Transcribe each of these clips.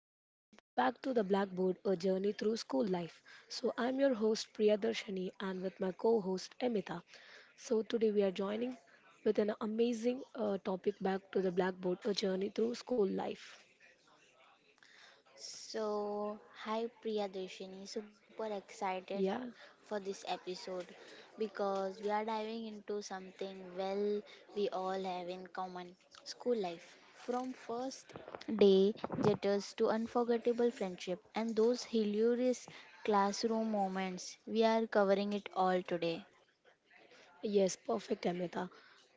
So, this is Back to the Blackboard, a journey through school life. So, I'm your host, Priya Darshani, and with my co host, Emita. So, today we are joining with an amazing topic, Back to the Blackboard, a journey through school life. So, hi Priyadeshini, super Yeah, excited for this episode because we are diving into something well we all have in common school life. From first day jitters to unforgettable friendship and those hilarious classroom moments, we are covering it all today. yes, perfect, Amita.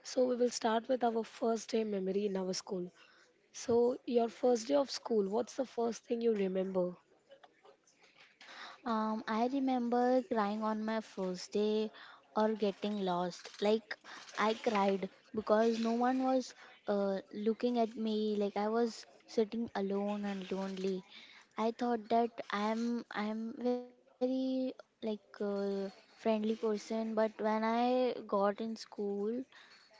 So, we will start with our first day memory in our school. So, your first day of school, what's the first thing you remember? I remember crying on my first day or getting lost. Like, I cried because no one was looking at me. Like, I was sitting alone and lonely. I thought that I'm very like friendly person, but when I got in school,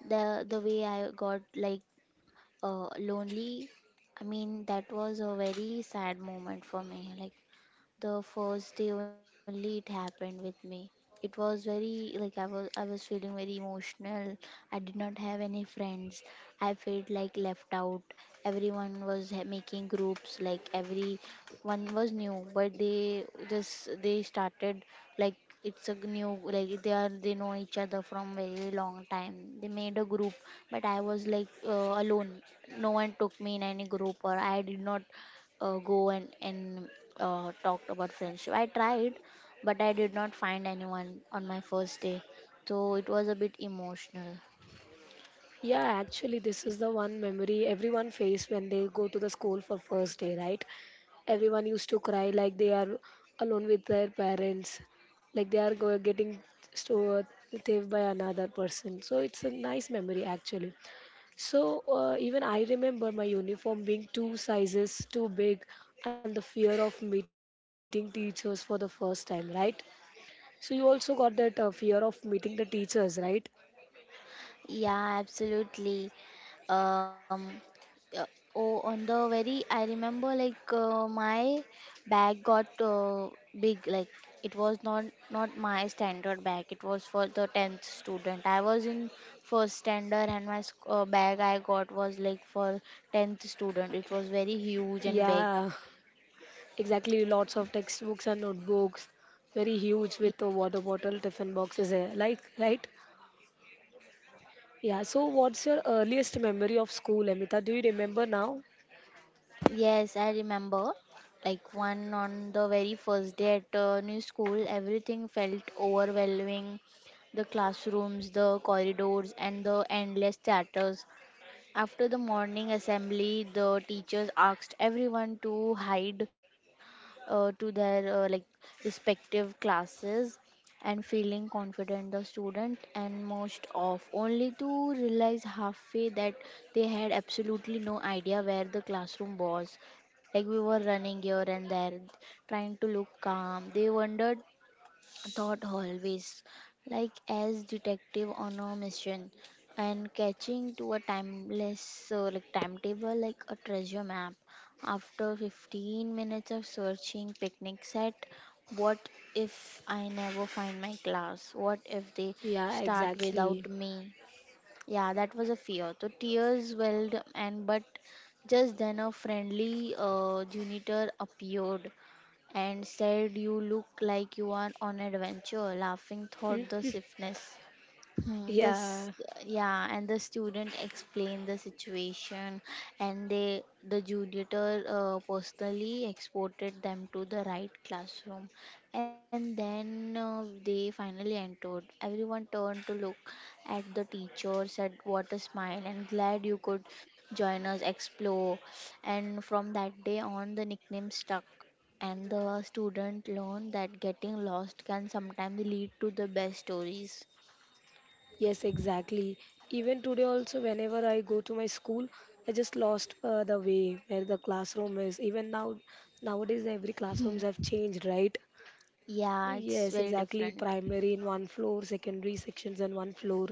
the way I got like lonely, I mean that was a very sad moment for me. Like the first day only it happened with me, it was very like I was feeling very emotional, I did not have any friends, I felt like left out. Everyone was making groups, like every one was new, but they just they started like it's a new, like they are, they know each other from very long time, they made a group, but I was like alone, no one took me in any group, or I did not go and talked about friendship. I tried, but I did not find anyone on my first day, so it was a bit emotional. Yeah, actually, this is the one memory everyone face when they go to the school for first day, right? Everyone used to cry like they are alone with their parents, like they are getting stored thieved by another person. So it's a nice memory actually. So even I remember my uniform being two sizes too big, and the fear of meeting teachers for the first time, right? So you also got that fear of meeting the teachers, right? Yeah, absolutely. Um, uh, oh, on the very, I remember like my bag got big. Like it was not my standard bag. It was for the tenth student. I was in first standard, and my bag I got was like for tenth student. It was very huge and big. Yeah. Exactly, lots of textbooks and notebooks, very huge Y- with a water bottle, tiffin boxes, eh, like, right? Yeah, so what's your earliest memory of school, Amita? Do you remember now? Yes, I remember. Like one on the very first day at a new school, everything felt overwhelming. The classrooms, the corridors, and the endless chatters. After the morning assembly, the teachers asked everyone to hide to their like respective classes and feeling confident the student and most off, only to realize halfway that they had absolutely no idea where the classroom was. Like we were running here and there trying to look calm, they wondered. Thought always like as detective on a mission and catching to a timeless like timetable like a treasure map. After 15 minutes of searching, picnic set, what if I never find my class, what if they Yeah, start exactly. without me? Yeah, that was a fear. The tears welled, and but just then a friendly janitor appeared and said, "You look like you are on adventure." Laughing thought the stiffness. Hmm, Yeah, this Yeah, and the student explained the situation, and they the tutor personally exported them to the right classroom, and then they finally entered, everyone turned to look at the teacher, said what a smile and glad you could join us explore. And from that day on, the nickname stuck, and the student learned that getting lost can sometimes lead to the best stories. yes, exactly. Even today, also, whenever I go to my school, I just lost the way where the classroom is. Even now, nowadays, every classrooms have changed, right? Yeah, it's Yes, very exactly. different. Primary in one floor, secondary sections in one floor,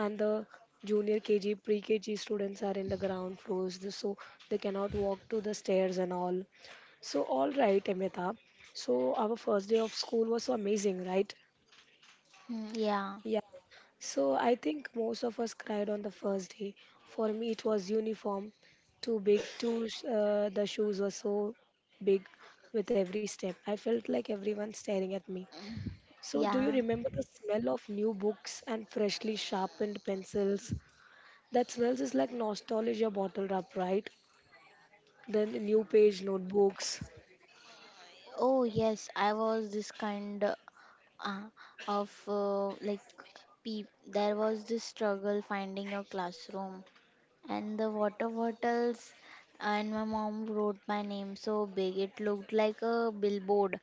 and the junior KG, pre-KG students are in the ground floors, so they cannot walk to the stairs and all. So, all right, Amita. So, our first day of school was so amazing, right? Mm, yeah. Yeah. So I think most of us cried on the first day. For me, it was uniform, too big, too. The shoes were so big with every step. I felt like everyone staring at me. Mm, So, do yeah. you remember the smell of new books and freshly sharpened pencils? That smells is like nostalgia bottled up, right? Then new page notebooks. Oh, yes, I was this kind uh, of like peep. There was this struggle finding a classroom and the water bottles, and my mom wrote my name so big it looked like a billboard,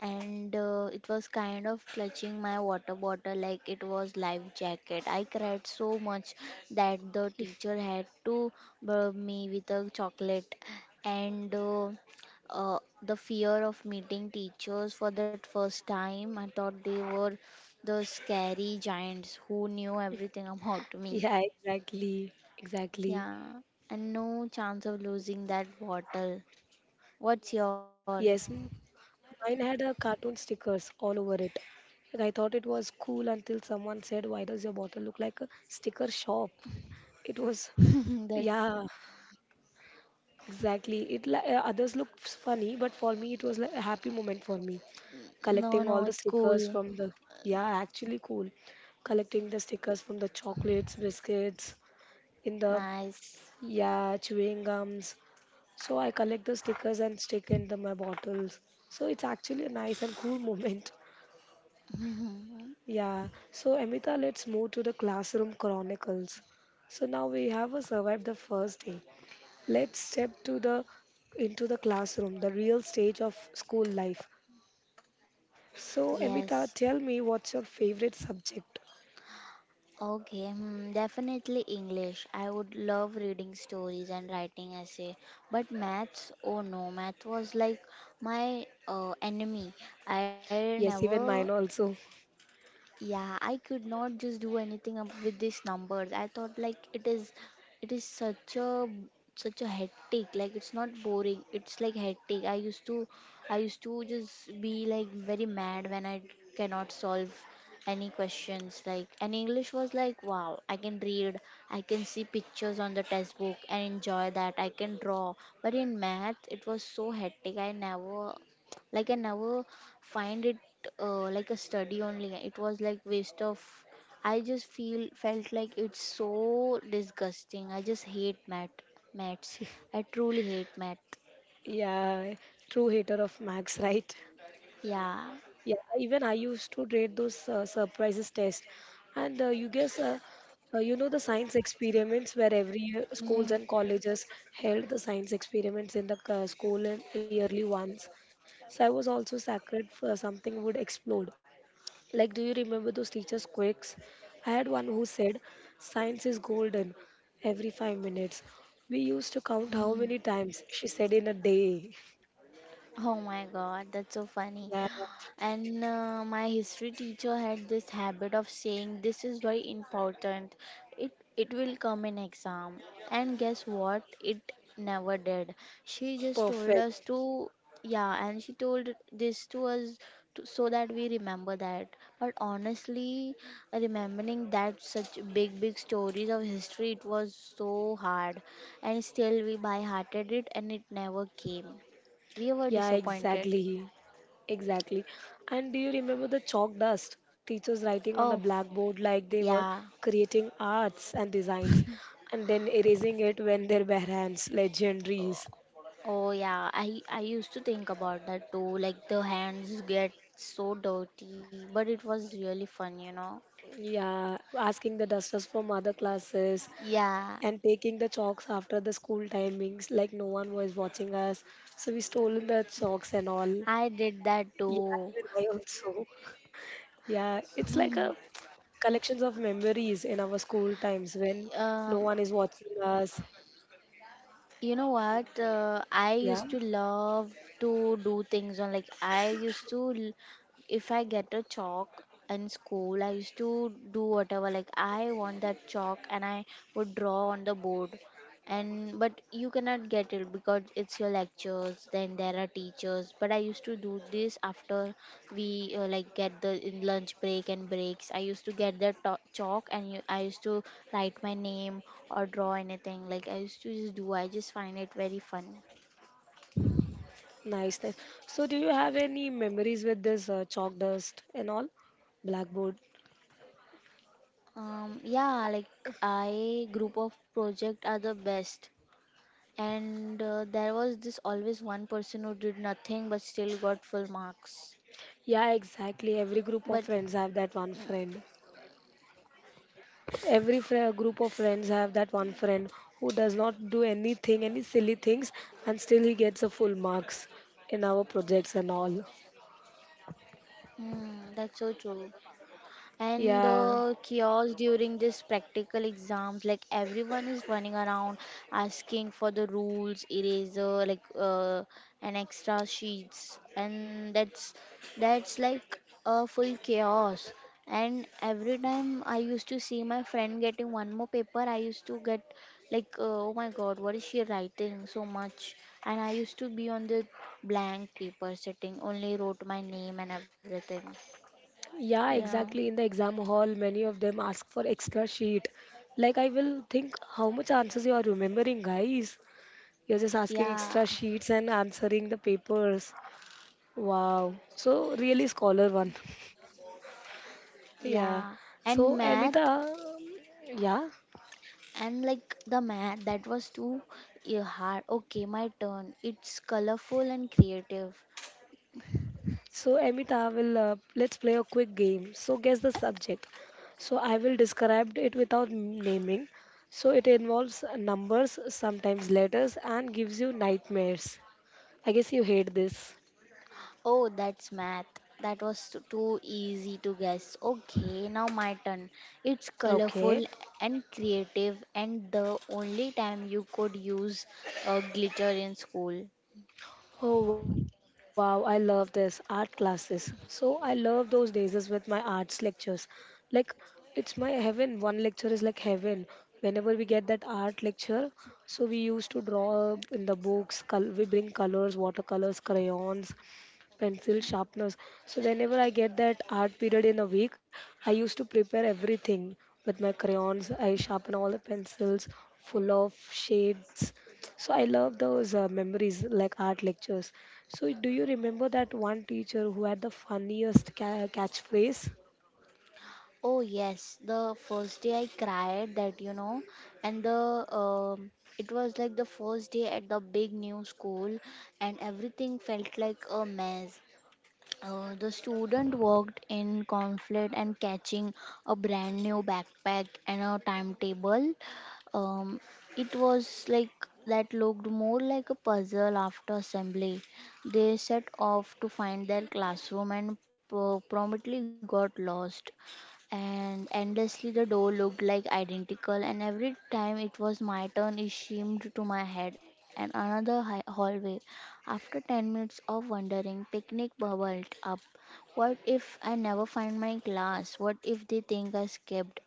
and it was kind of clutching my water bottle like it was life jacket. I cried so much that the teacher had to burp me with a chocolate. And The fear of meeting teachers for that first time, I thought they were the scary giants who knew everything about me. Yeah, exactly. Exactly. Yeah, and no chance of losing that bottle. What's your? Yes, mine had a cartoon stickers all over it. Like I thought it was cool until someone said, "Why does your bottle look like a sticker shop?" It was, That's yeah. Exactly. Others look funny, but for me it was like a happy moment for me. no, Collecting all no, the it's stickers cool. from the yeah, actually cool. Collecting the stickers from the chocolates, biscuits, in the Nice. yeah, chewing gums. So I collect the stickers and stick in the, my bottles. So it's actually a nice and cool moment. Yeah. So Amita, let's move to the classroom chronicles. So now we have survived the first day. Let's step to the into the classroom, the real stage of school life. So, Amita, Yes. tell me what's your favorite subject? Okay, hmm, definitely English. I would love reading stories and writing essay. But maths, oh no, math was like my enemy. I Yes, never. even mine also. Yeah, I could not just do anything up with these numbers. I thought like it is such a such a hectic, like it's not boring, it's like hectic. I used to just be like very mad when I cannot solve any questions like. And English was like wow, I can read, I can see pictures on the textbook and enjoy that, I can draw. But in math it was so hectic, I never find it like a study only, it was like waste of, I just feel felt like it's so disgusting, I just hate math, maths, I truly hate math. Yeah, true hater of max, right? Yeah. Yeah, even I used to rate those surprises test, and you guess, the science experiments where every year schools Mm. and colleges held the science experiments in the school and yearly ones. So I was also sacred for something would explode. Like, do you remember those teachers' quirks? I had one who said, "Science is golden" every 5 minutes. We used to count how Mm. many times she said in a day. Oh my god, that's so funny. Yeah, And my history teacher had this habit of saying, "This is very important. It will come in exam." And guess what? It never did. She just told perfect. us to, yeah, and she told this to us to, so that we remember that. But honestly, remembering that such big big stories of history, it was so hard, and still we by-hearted it, and it never came. We were Yeah, disappointed. exactly. Exactly. And do you remember the chalk dust? Teachers writing on the Oh, blackboard like they were yeah. creating arts and designs and then erasing it when their bare hands, Oh, legendaries. oh yeah, I used to think about that too. Like the hands get so dirty, but it was really fun, Yeah, asking the dusters from other classes, Yeah, and taking the chalks after the school timings, like no one was watching us. So we stole the chalks and all. I did that Yeah, too. even I also. Yeah, it's like a collections of memories in our school times when no Um, one is watching us. you know what? I Yeah, used to love to do things on like I used to l- if I get a chalk in school, I used to do whatever like I want that chalk, and I would draw on the board. And but you cannot get it because it's your lectures, then there are teachers, but I used to do this after we like get the in lunch break and breaks, I used to get the chalk and you, I used to write my name or draw anything like I used to just do, I just find it very fun. nice, nice. So do you have any memories with this chalk dust and all? Blackboard. Yeah, like I group of project are the best, and there was this always one person who did nothing but still got full marks Yeah, but exactly. Every group of friends have that one friend. Every group of friends have that one friend who does not do anything, any silly things, and still he gets a full marks in our projects and all. mm, that's so true. And the Yeah, chaos during this practical exams, like everyone is running around asking for the rules, eraser, like and extra sheets, and that's like a full chaos. And every time I used to see my friend getting one more paper, I used to get like, oh my God, what is she writing so much? And I used to be on the blank paper sitting, only wrote my name and everything. yeah, Yeah. exactly. In the exam hall, many of them ask for extra sheet. Like I will think, how much answers you are remembering, guys? You're just asking Yeah, extra sheets and answering the papers. Wow. So really scholar one. Yeah. yeah, and So math Amita, yeah. and like the math that was too hard. Okay, my turn. It's colorful and creative. So, Amita will let's play a quick game. So, guess the subject. So, I will describe it without naming. So, it involves numbers, sometimes letters, and gives you nightmares. I guess you hate this. Oh, that's math. That was too easy to guess. Okay, now my turn. It's Okay. colorful and creative, and the only time you could use glitter in school. Oh wow, I love this art classes. So I love those days is with my arts lectures. Like it's my heaven. One lecture is like heaven. Whenever we get that art lecture, so we used to draw in the books. We bring colors, watercolors, crayons, pencil sharpeners. So whenever I get that art period in a week, I used to prepare everything with my crayons. I sharpen all the pencils full of shades, so I love those memories like art lectures. So do you remember that one teacher who had the funniest catchphrase? Oh yes, the first day I cried that you know, and the it was like the first day at the big new school, and everything felt like a mess. The student worked in conflict and catching a brand new backpack and a timetable. Um, it was like that looked more like a puzzle after assembly. They set off to find their classroom and promptly got lost. And endlessly, the door looked like identical, and every time it was my turn, it seemed to my head and another hallway. After 10 minutes of wandering, picnic bubbled up. What if I never find my glass? What if they think I skipped?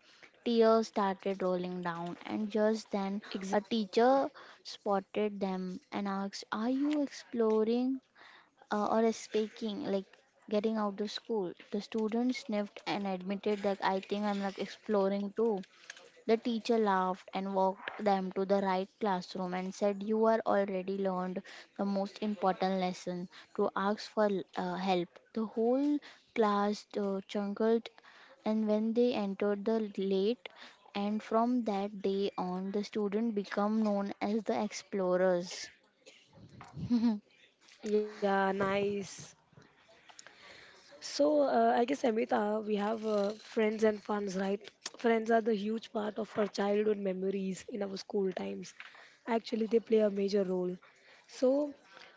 Tears started rolling down, and just then Exactly. a teacher spotted them and asked, "Are you exploring or speaking, like getting out of school?" The student sniffed and admitted that I think I'm like exploring too. The teacher laughed and walked them to the right classroom and said, "You are already learned the most important lesson to ask for help." The whole class chuckled, and when they entered the late, and from that day on, the students become known as the explorers. Yeah, nice. So, I guess Amita, we have friends and funds, right? Friends are the huge part of our childhood memories in our school times. Actually, they play a major role. So,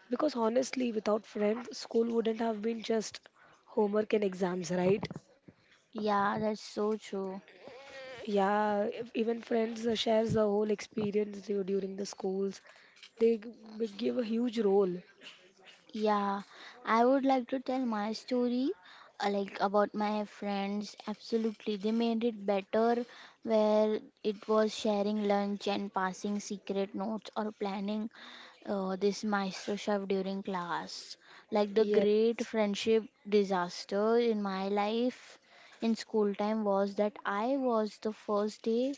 because honestly, without friends, school wouldn't have been just homework and exams, right? Yeah, that's so true. Yeah, even friends shares the whole experience during the schools. They give a huge role. Yeah, I would like to tell my story, like about my friends. Absolutely, they made it better where it was sharing lunch and passing secret notes or planning this maestro chef during class. Like the Yeah, great friendship disaster in my life in school time was that I was the first day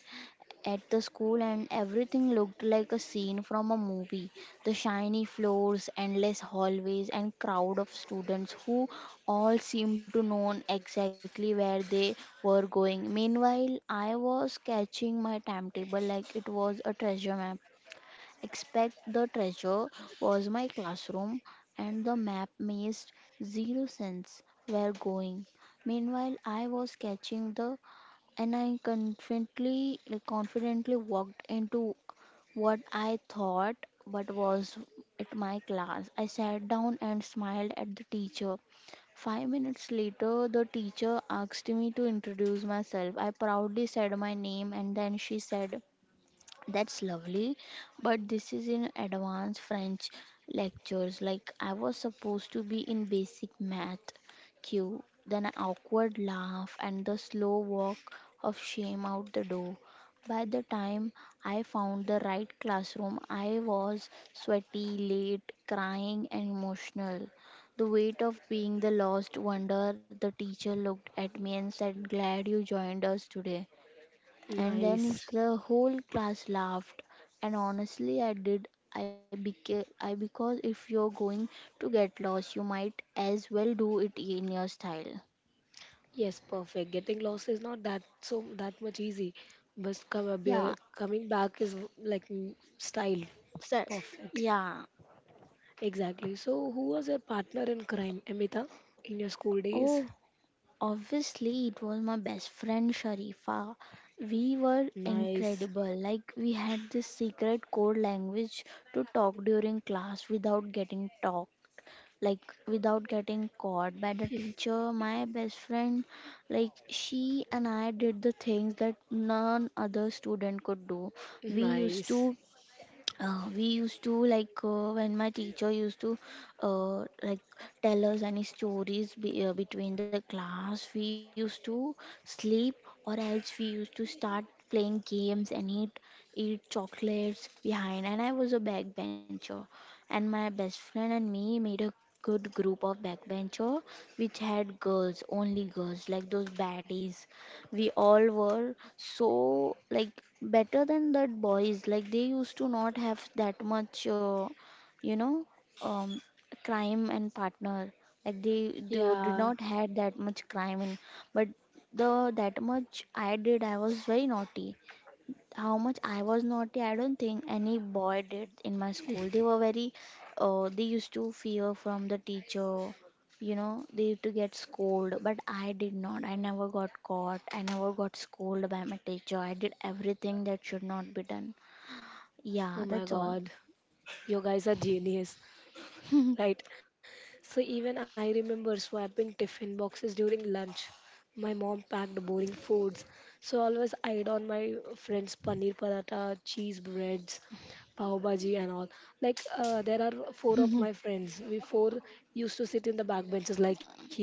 at the school, and everything looked like a scene from a movie. The shiny floors, endless hallways, and crowd of students who all seemed to know exactly where they were going. Meanwhile, I was catching my timetable like it was a treasure map. Expect the treasure was my classroom, and the map made zero sense where going. Meanwhile, I was catching the and I confidently like, confidently walked into what I thought but was at my class. I sat down and smiled at the teacher. 5 minutes later, the teacher asked me to introduce myself. I proudly said my name and then she said, that's lovely, but this is in advanced French lectures. Like I was supposed to be in basic math. Cue, then an awkward laugh and the slow walk of shame out the door. By the time I found the right classroom, I was sweaty, late, crying, and emotional. The weight of being the lost wonder, the teacher looked at me and said, "Glad you joined us today," and then nice. is the whole class laughed. And honestly, I did I became I because if you're going to get lost, you might as well do it in your style. Yes, perfect. Getting lost is not that so that much easy, but Yeah, coming back is like style. sir. Perfect. Yeah. Exactly. So, who was your partner in crime, Amita, in your school days? Oh, obviously it was my best friend Sharifa. We were Nice, incredible. Like we had this secret code language to talk during class without getting talk, like without getting caught by the teacher. My best friend, like she and I did the things that none other student could do. we used nice. to we used to like When my teacher used to, uh, like tell us any stories between the class, we used to sleep, or else we used to start playing games and eat chocolates behind. And I was a backbencher, and my best friend and me made a good group of backbencher, which had girls, only girls, like those baddies. We all were so, like, better than that boys. Like they used to not have that much you know um crime and partner. Like they did Yeah. not had that much crime in. But the that much I did, I was very naughty. How much I was naughty, I don't think any boy did in my school. They were very, they used to fear from the teacher, you know, they used to get scolded, but I did not. I never got caught. I never got scolded by my teacher. I did everything that should not be done. Oh Yeah, my that's all. God, you guys are genius. Right? So even I remember swapping tiffin boxes during lunch. My mom packed boring foods, so always eyed on my friends' paneer paratha, cheese breads, pav bhaji, and all. Like there are four of my friends. We four used to sit in the back benches like you.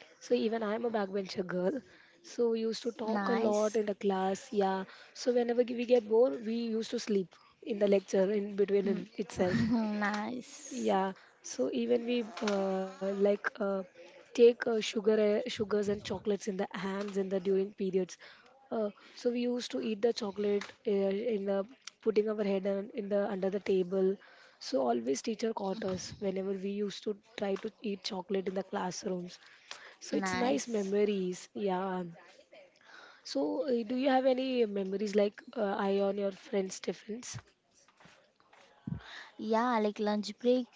So even I'm a backbencher girl. So we used to talk a Nice. lot in the class. Yeah. So whenever we get bored, we used to sleep in the lecture in between Mm. Itself. Nice. Yeah, so even we take sugars and chocolates in the hands in the during periods. So we used to eat the chocolate in the putting our head on, in the under the table. So always teacher caught us whenever we used to try to eat chocolate in the classrooms. So it's nice Nice. memories. Yeah. So do you have any memories like I on your friends' tiffins? Yeah, like lunch breaks.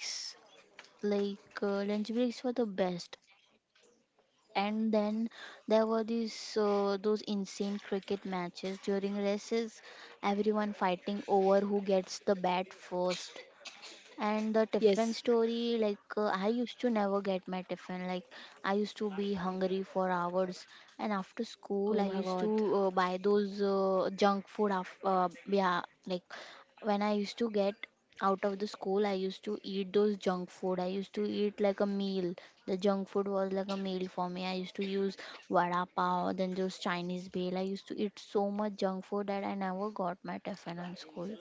Like lunch breaks were the best. And then there were these those insane cricket matches during races, everyone fighting over who gets the bat first. And the tiffin Yes. story, like I used to never get my tiffin. Like I used to be hungry for hours, and after school, I Oh my used to God. Buy those junk food. Yeah, like when I used to get out of the school, I used to eat those junk food. I used to eat like a meal. The junk food was like a meal for me. I used to use vada pav, then those Chinese bale. I used to eat so much junk food that I never got my tiffin on school.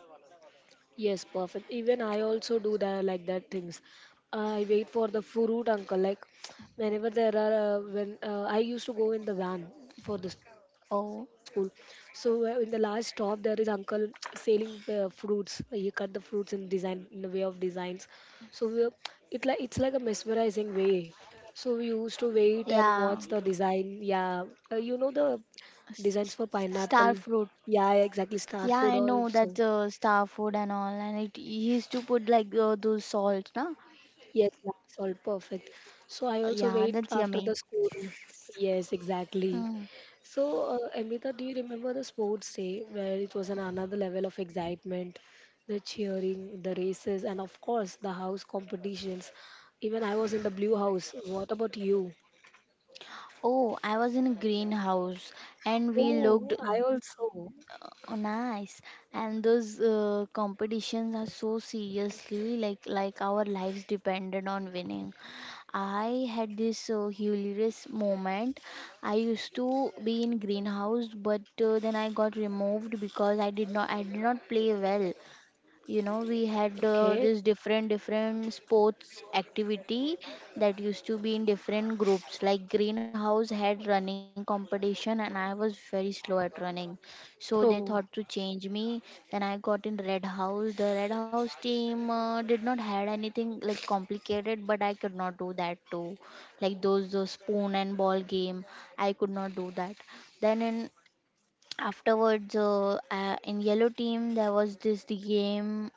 Yes, perfect. Even I also do that like that things. I wait for the fruit uncle. Like whenever there are when I used to go in the van for the school. So Oh, in the last stop there is an uncle selling fruits. He cut the fruits in design in the way of designs. So we, it like it's like a mesmerizing way. So we used to wait and yeah. watch the design. Yeah, you know the S- s- designs for Star pineapple. fruit. Yeah, exactly. Yeah, Star I food know that also. Star fruit and all, and it he used to put like those salts, na? Yes, that's all perfect. So I Yeah, also wait that's yummy. after the scoring. Yes, exactly. Mm. So, Amita, do you remember the sports day where it was an another level of excitement, the cheering, the races, and of course the house competitions? Even I was in the blue house. What about you? Oh, I was in a greenhouse and we looked. Oh, I also. Oh, nice. And those competitions are so seriously, like our lives depended on winning. I had this hilarious moment. I used to be in greenhouse, but then I got removed because I did not play well. You know, we had Okay. this different sports activity that used to be in different groups. Like greenhouse had running competition and I was very slow at running, so they Oh, thought to change me. Then I got in red house. The red house team did not had anything like complicated, but I could not do that too, like those spoon and ball game. I could not do that. Then in afterwards, in yellow team there was this the game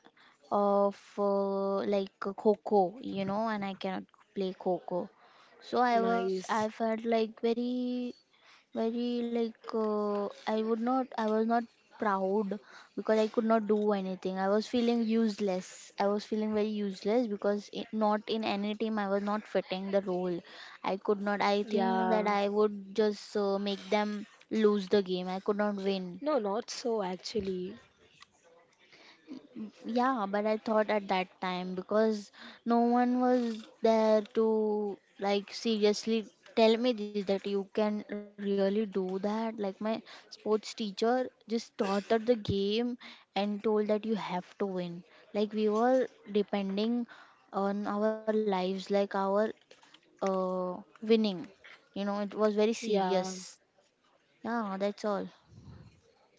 of like coco, you know, and I cannot play coco. So I was I nice. felt like very I would not, I was not proud because I could not do anything. I was feeling useless. I was feeling very useless because I not in any team. I was not fitting the role. I could not. I think that Yeah. I would just make them lose the game. I could not win. No, not so actually. Yeah, but I thought at that time because no one was there to like seriously tell me this that you can really do that. Like my sports teacher just taught us the game and told that you have to win. Like we were depending on our lives, like our uh winning. You know, it was very Yeah. serious. Yeah, that's all.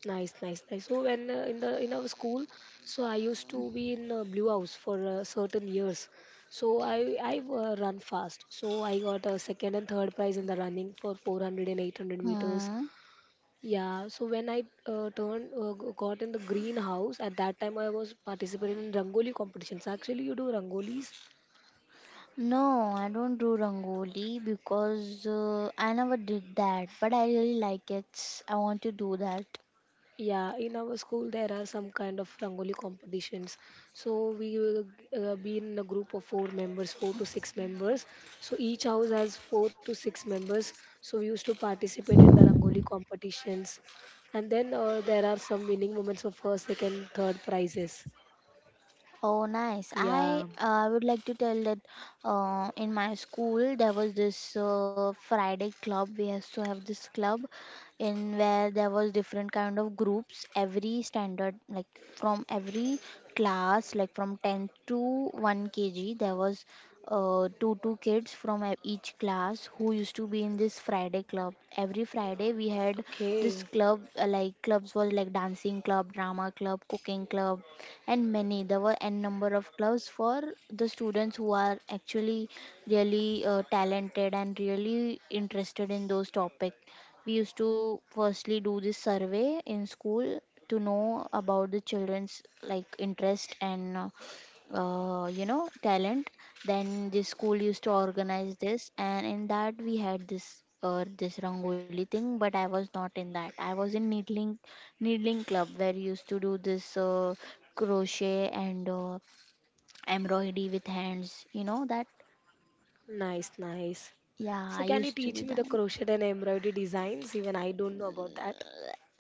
Nice, nice, nice. So when in our school, so I used to be in Blue House for certain years. So I run fast. So I got a second and third prize in the running for 400 and 800 meters. Hmm. Yeah. So when I got in the greenhouse at that time I was participating in Rangoli competitions. Actually, you do Rangolis? No, I don't do rangoli because I never did that, but I really like it. I want to do that. Yeah, in our school there are some kind of rangoli competitions. So we will be in a group of four members, four to six members. So each house has four to six members. So we used to participate in the rangoli competitions, and then there are some winning moments for first, second, third prizes. Oh, nice. Yeah. I would like to tell that in my school there was this Friday club. We used to have this club in where there was different kind of groups. Every standard, like from every class, like from 10th to 1 kg, there was two kids from each class who used to be in this Friday club. Every Friday we had this Okay. club, like clubs was like dancing club, drama club, cooking club, and many there were n number of clubs for the students who are actually really talented and really interested in those topics. We used to firstly do this survey in school to know about the children's like interest and you know, talent. Then the school used to organize this, and in that we had this this rangoli thing, but I was not in that. I was in needling. Needling club where you used to do this crochet and embroidery with hands. You know that? Nice, nice. Yeah, I So can you used to be teach me the that. crochet and embroidery designs? Even I don't know about that.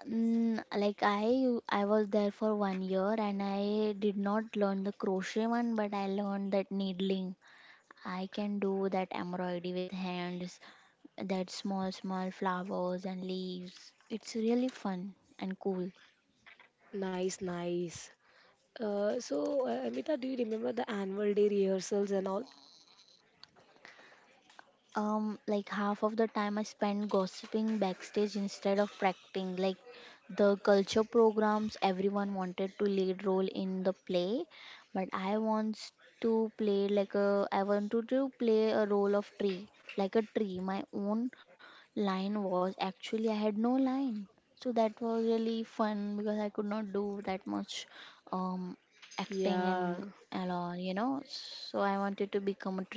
Mm, like I was there for 1 year and I did not learn the crochet one, but I learned that needling. I can do that embroidery with hands, that small flowers and leaves. It's really fun and cool. Nice, nice. Amita, do you remember the annual day rehearsals and all? Like half of the time I spend gossiping backstage instead of practicing. Like the culture programs, everyone wanted to lead role in the play, but I wanted to play a role of tree, like a tree. My own line was actually I had no line, so that was really fun because I could not do that much acting Yeah, and all, you know. So I wanted to become a tree.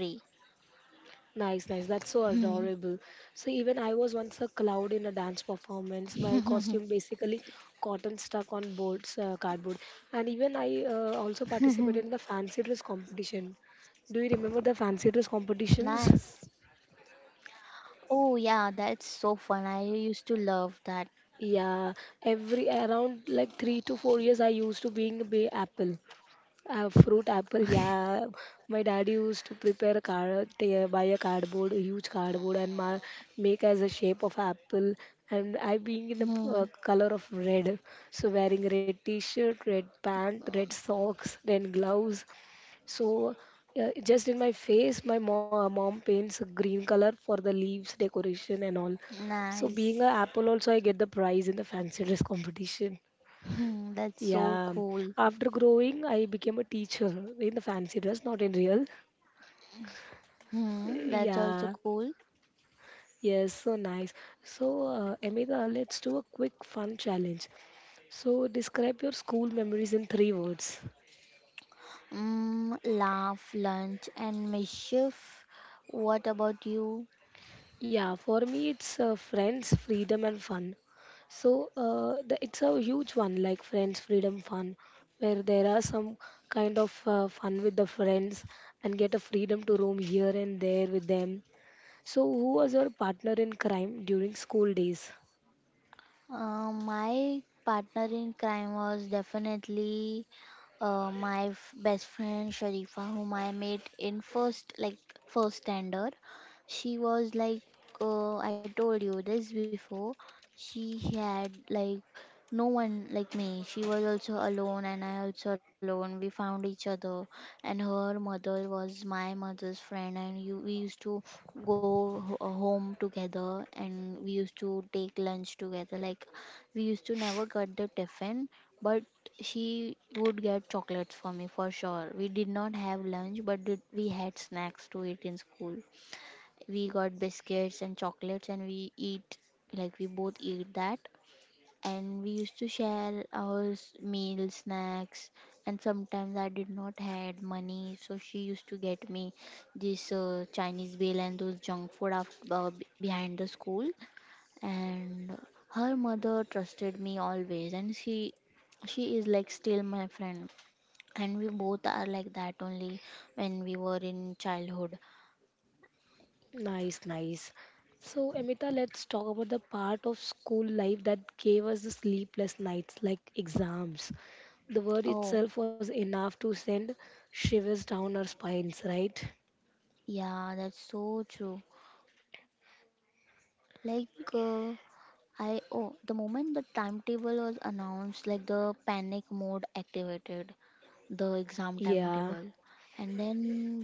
nice, nice. That's so adorable. So, even I was once a cloud in a dance performance. My costume basically cotton stuck on boards, cardboard. And even I also participated in the fancy dress competition. Do you remember the fancy dress Nice. competitions? Oh yeah, that's so fun. I used to love that. Yeah, every around like 3 to 4 years, I used to being apple, fruit apple. Yeah, my dad used to prepare a card, they buy a cardboard, a huge cardboard, and make as a shape of apple. And I being in the Hmm. color of red, so wearing red t-shirt, red pant, red socks, then gloves. So just in my face, my mom paints a green color for the leaves decoration and all. So Nice. being a apple also, I get the prize in the fancy dress competition. Hmm, that's so Yeah. cool. After growing, I became a teacher in the fancy dress, not in real. Hmm, that's also Yeah. cool. Yes, so nice. Amita, let's do a quick fun challenge. So, describe your school memories in three words. Mm, laugh, lunch, and mischief. What about you? Yeah, for me, it's friends, freedom, and fun. So it's a huge one, like friends, freedom, fun, where there are some kind of fun with the friends and get a freedom to roam here and there with them. So, who was your partner in crime during school days? My partner in crime was definitely my best friend Sharifa, whom I met in first standard. She was like, I told you this before, she had like no one like me. She was also alone and I also alone. We found each other. And her mother was my mother's friend. And you, we used to go home together and we used to take lunch together. Like we used to never get the tiffin, but she would get chocolates for me for sure. We did not have lunch but we had snacks to eat in school. We got biscuits and chocolates and we eat, like we both eat that. And we used to share our meals, snacks. And sometimes I did not had money, so she used to get me this Chinese bill and those junk food behind the school. And her mother trusted me always, and she is like still my friend. And we both are like that only when we were in childhood. Nice, nice. So, Amita, let's talk about the part of school life that gave us the sleepless nights, like exams. The word Oh, itself was enough to send shivers down our spines, right? yeah, that's so true. Like, I oh, the moment the timetable was announced, like the panic mode activated, the exam timetable, Yeah, and then the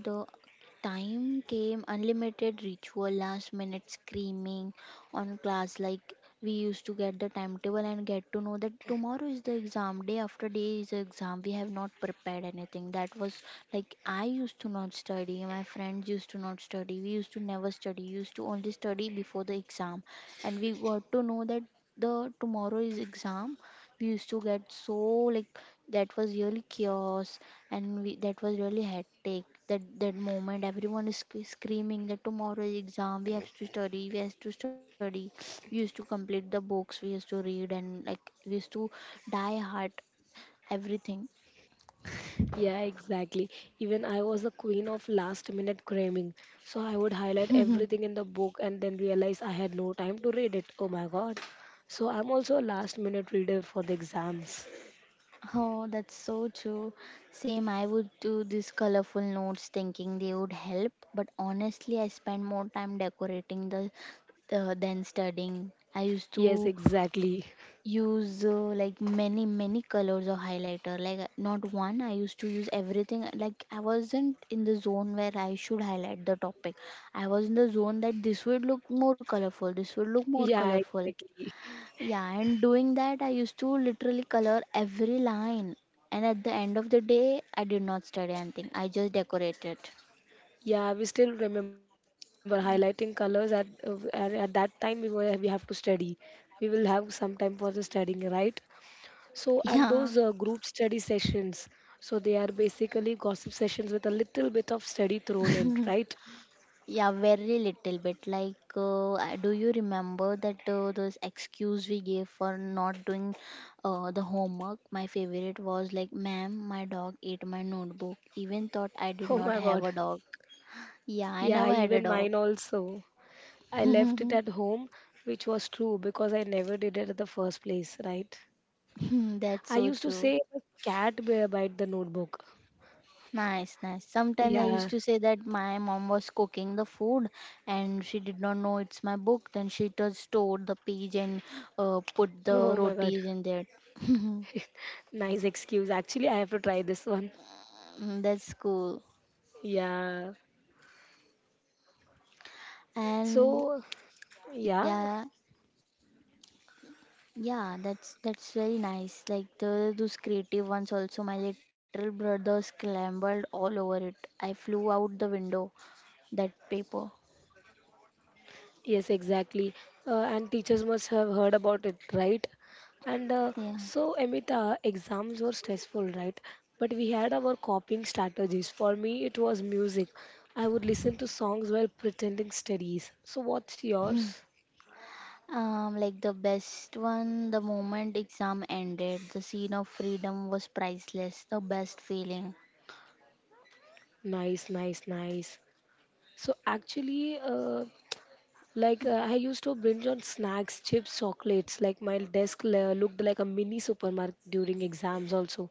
time came, unlimited ritual, last minute screaming on class. Like we used to get the timetable and get to know that tomorrow is the exam, day after day is the exam. We have not prepared anything. That was like I used to not study, my friends used to not study, we used to never study, we used to only study before the exam. And we got to know that the tomorrow is exam, we used to get so like that was really chaos. And we, that was really hectic that that moment everyone is screaming that tomorrow is exam, we have to study. We used to complete the books, we used to read, and like we used to die hard everything. yeah, exactly. Even I was the queen of last minute cramming. So I would highlight everything in the book and then realize I had no time to read it. Oh my god. So I'm also a last minute reader for the exams. Oh, that's so true. Same, I would do these colorful notes thinking they would help, but honestly I spent more time decorating the than studying. I used to Yes, exactly. use like many colors of highlighter, like not one. I used to use everything. Like I wasn't in the zone where I should highlight the topic. I was in the zone that this would look more Yeah, colorful. exactly. Yeah, and doing that I used to literally color every line, and at the end of the day I did not study anything, I just decorated. Yeah, we still remember highlighting colors at that time we have to study. We will have some time for the studying, right? So and those Yeah. group study sessions, so they are basically gossip sessions with a little bit of study thrown in, right? Yeah, very little bit. Like, I- do you remember that those excuse we gave for not doing the homework? My favorite was like, "Ma'am, my dog ate my notebook." Even thought I did Oh not my have God. a dog. Yeah, I Yeah, never had a even dog. mine also. I left it at home, which was true because I never did it at the first place, right? That's I so used to true. say a bite the notebook. Nice, nice. Sometimes I Yeah. used to say that my mom was cooking the food and she did not know it's my book. Then she just stored the page and put Oh the my God. rotis in there. Nice excuse. Actually, I have to try this one. Mm, that's cool. Yeah. So, And yeah. yeah, yeah, that's very nice. Like the those creative ones also. My little brother scrambled all over it. I flew out the window. That paper. Yes, exactly. And teachers must have heard about it, right? Yeah. Amita, exams were stressful, right? But we had our coping strategies. For me, it was music. I would listen to songs while pretending studies. So, what's Hmm. yours? Like the best one, the moment exam ended, the scene of freedom was priceless, the best feeling. Nice, nice, nice. So, actually, Like I used to binge on snacks, chips, chocolates. Like looked like a mini supermarket during exams also,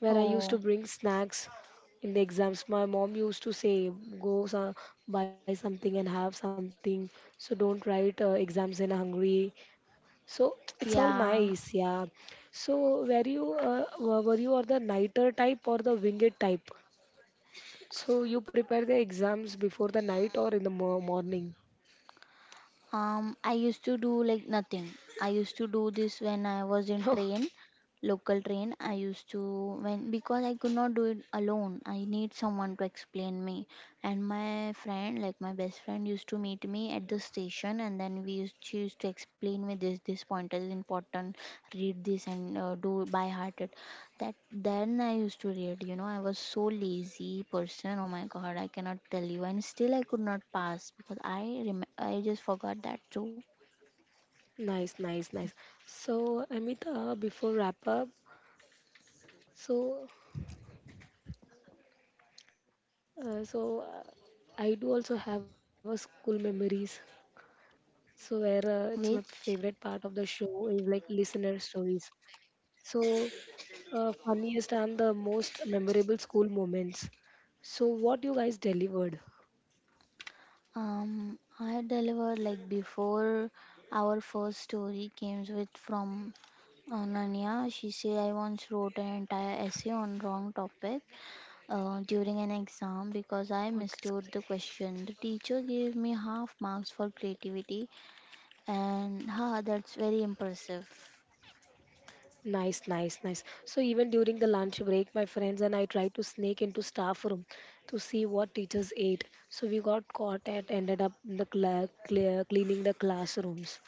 where I used to Oh, bring snacks in the exams. My mom used to say, "Go buy something and have something, so don't write exams in a hungry." So it's all yeah. nice, yeah. So were you or the nighter type or the winged type? So you prepare the exams before the night or in the morning? I used to do like nothing. I used to do this when I was in train, local train. I used to when because I could not do it alone. I need someone to explain me. And my friend, like my best friend, used to meet me at the station, and then we used she used to explain me this point is important. Read this and do by heart it. That then I used to read, you know, I was so lazy person. Oh my god, I cannot tell you. And still I could not pass because I just forgot that too. Nice, nice, nice. So, Amita, before wrap up, so, so I do also have a school memories. So where it's my Which favorite part of the show is like listener stories. So, funniest and the most memorable school moments. So, what you guys delivered? I delivered like before, our first story came with from Nanya. She said I once wrote an entire essay on wrong topic during an exam because I Podcast. mistook the question. The teacher gave me half marks for creativity. And ha, that's very impressive. Nice, nice, nice. So even during the lunch break, my friends and I tried to sneak into staff room to see what teachers ate. So we got caught and ended up in the cleaning the classrooms.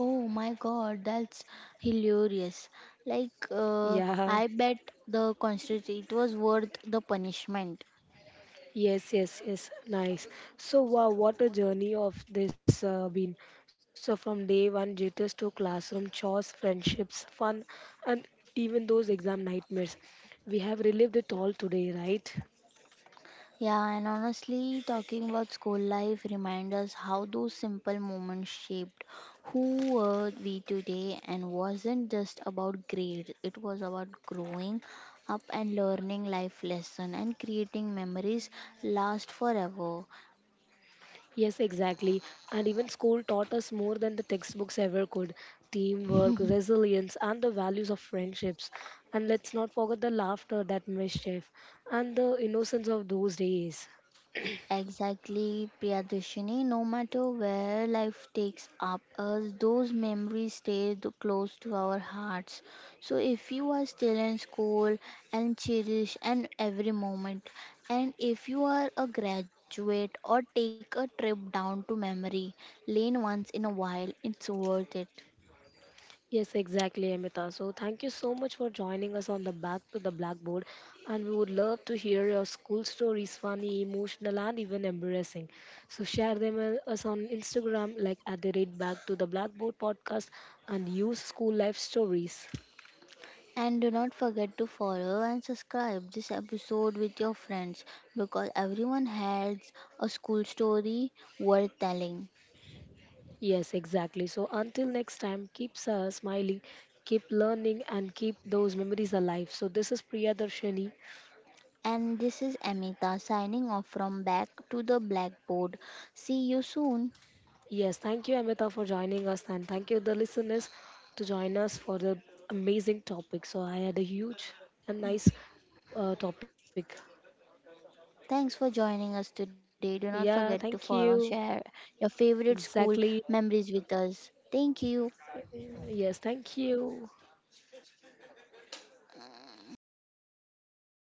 Oh my god, that's hilarious. Like, Yeah. I bet the concert it was worth the punishment. Yes, yes, yes. Nice. So wow, what a journey of this been. So from day one, jitters to classroom chores, friendships, fun, and even those exam nightmares. We have relived it all today, right? Yeah, and honestly, talking about school life reminds us how those simple moments shaped who were we today, and wasn't just about grades, it was about growing up and learning life lesson and creating memories last forever. Yes, exactly. And even school taught us more than the textbooks ever could teamwork, resilience, and the values of friendships. And let's not forget the laughter, that mischief, and the innocence of those days. Exactly, Priyadashini. No matter where life takes up us, those memories stay close to our hearts. So, if you are still in school and cherish and every moment, and if you are a graduate or take a trip down to memory lane once in a while, it's worth it. Yes, exactly, Amita. So, thank you so much for joining us on the Back to the Blackboard. And we would love to hear your school stories, funny, emotional, and even embarrassing. So, share them with us on Instagram, like at the rate Back to the Blackboard podcast, and use school life stories. And do not forget to follow and subscribe this episode with your friends because everyone has a school story worth telling. Yes, exactly. So until next time, keep smiling, keep learning, and keep those memories alive. So this is Priya Darshani. And this is Amita signing off from back to the blackboard. See you soon. Yes, thank you, Amita, for joining us, and thank you, the listeners, to join us for the amazing topic. So I had a huge and nice topic. Thanks for joining us today. Do not Yeah, forget thank to follow and you. share your favorite school Exactly. memories with us. Thank you. Yes, thank you.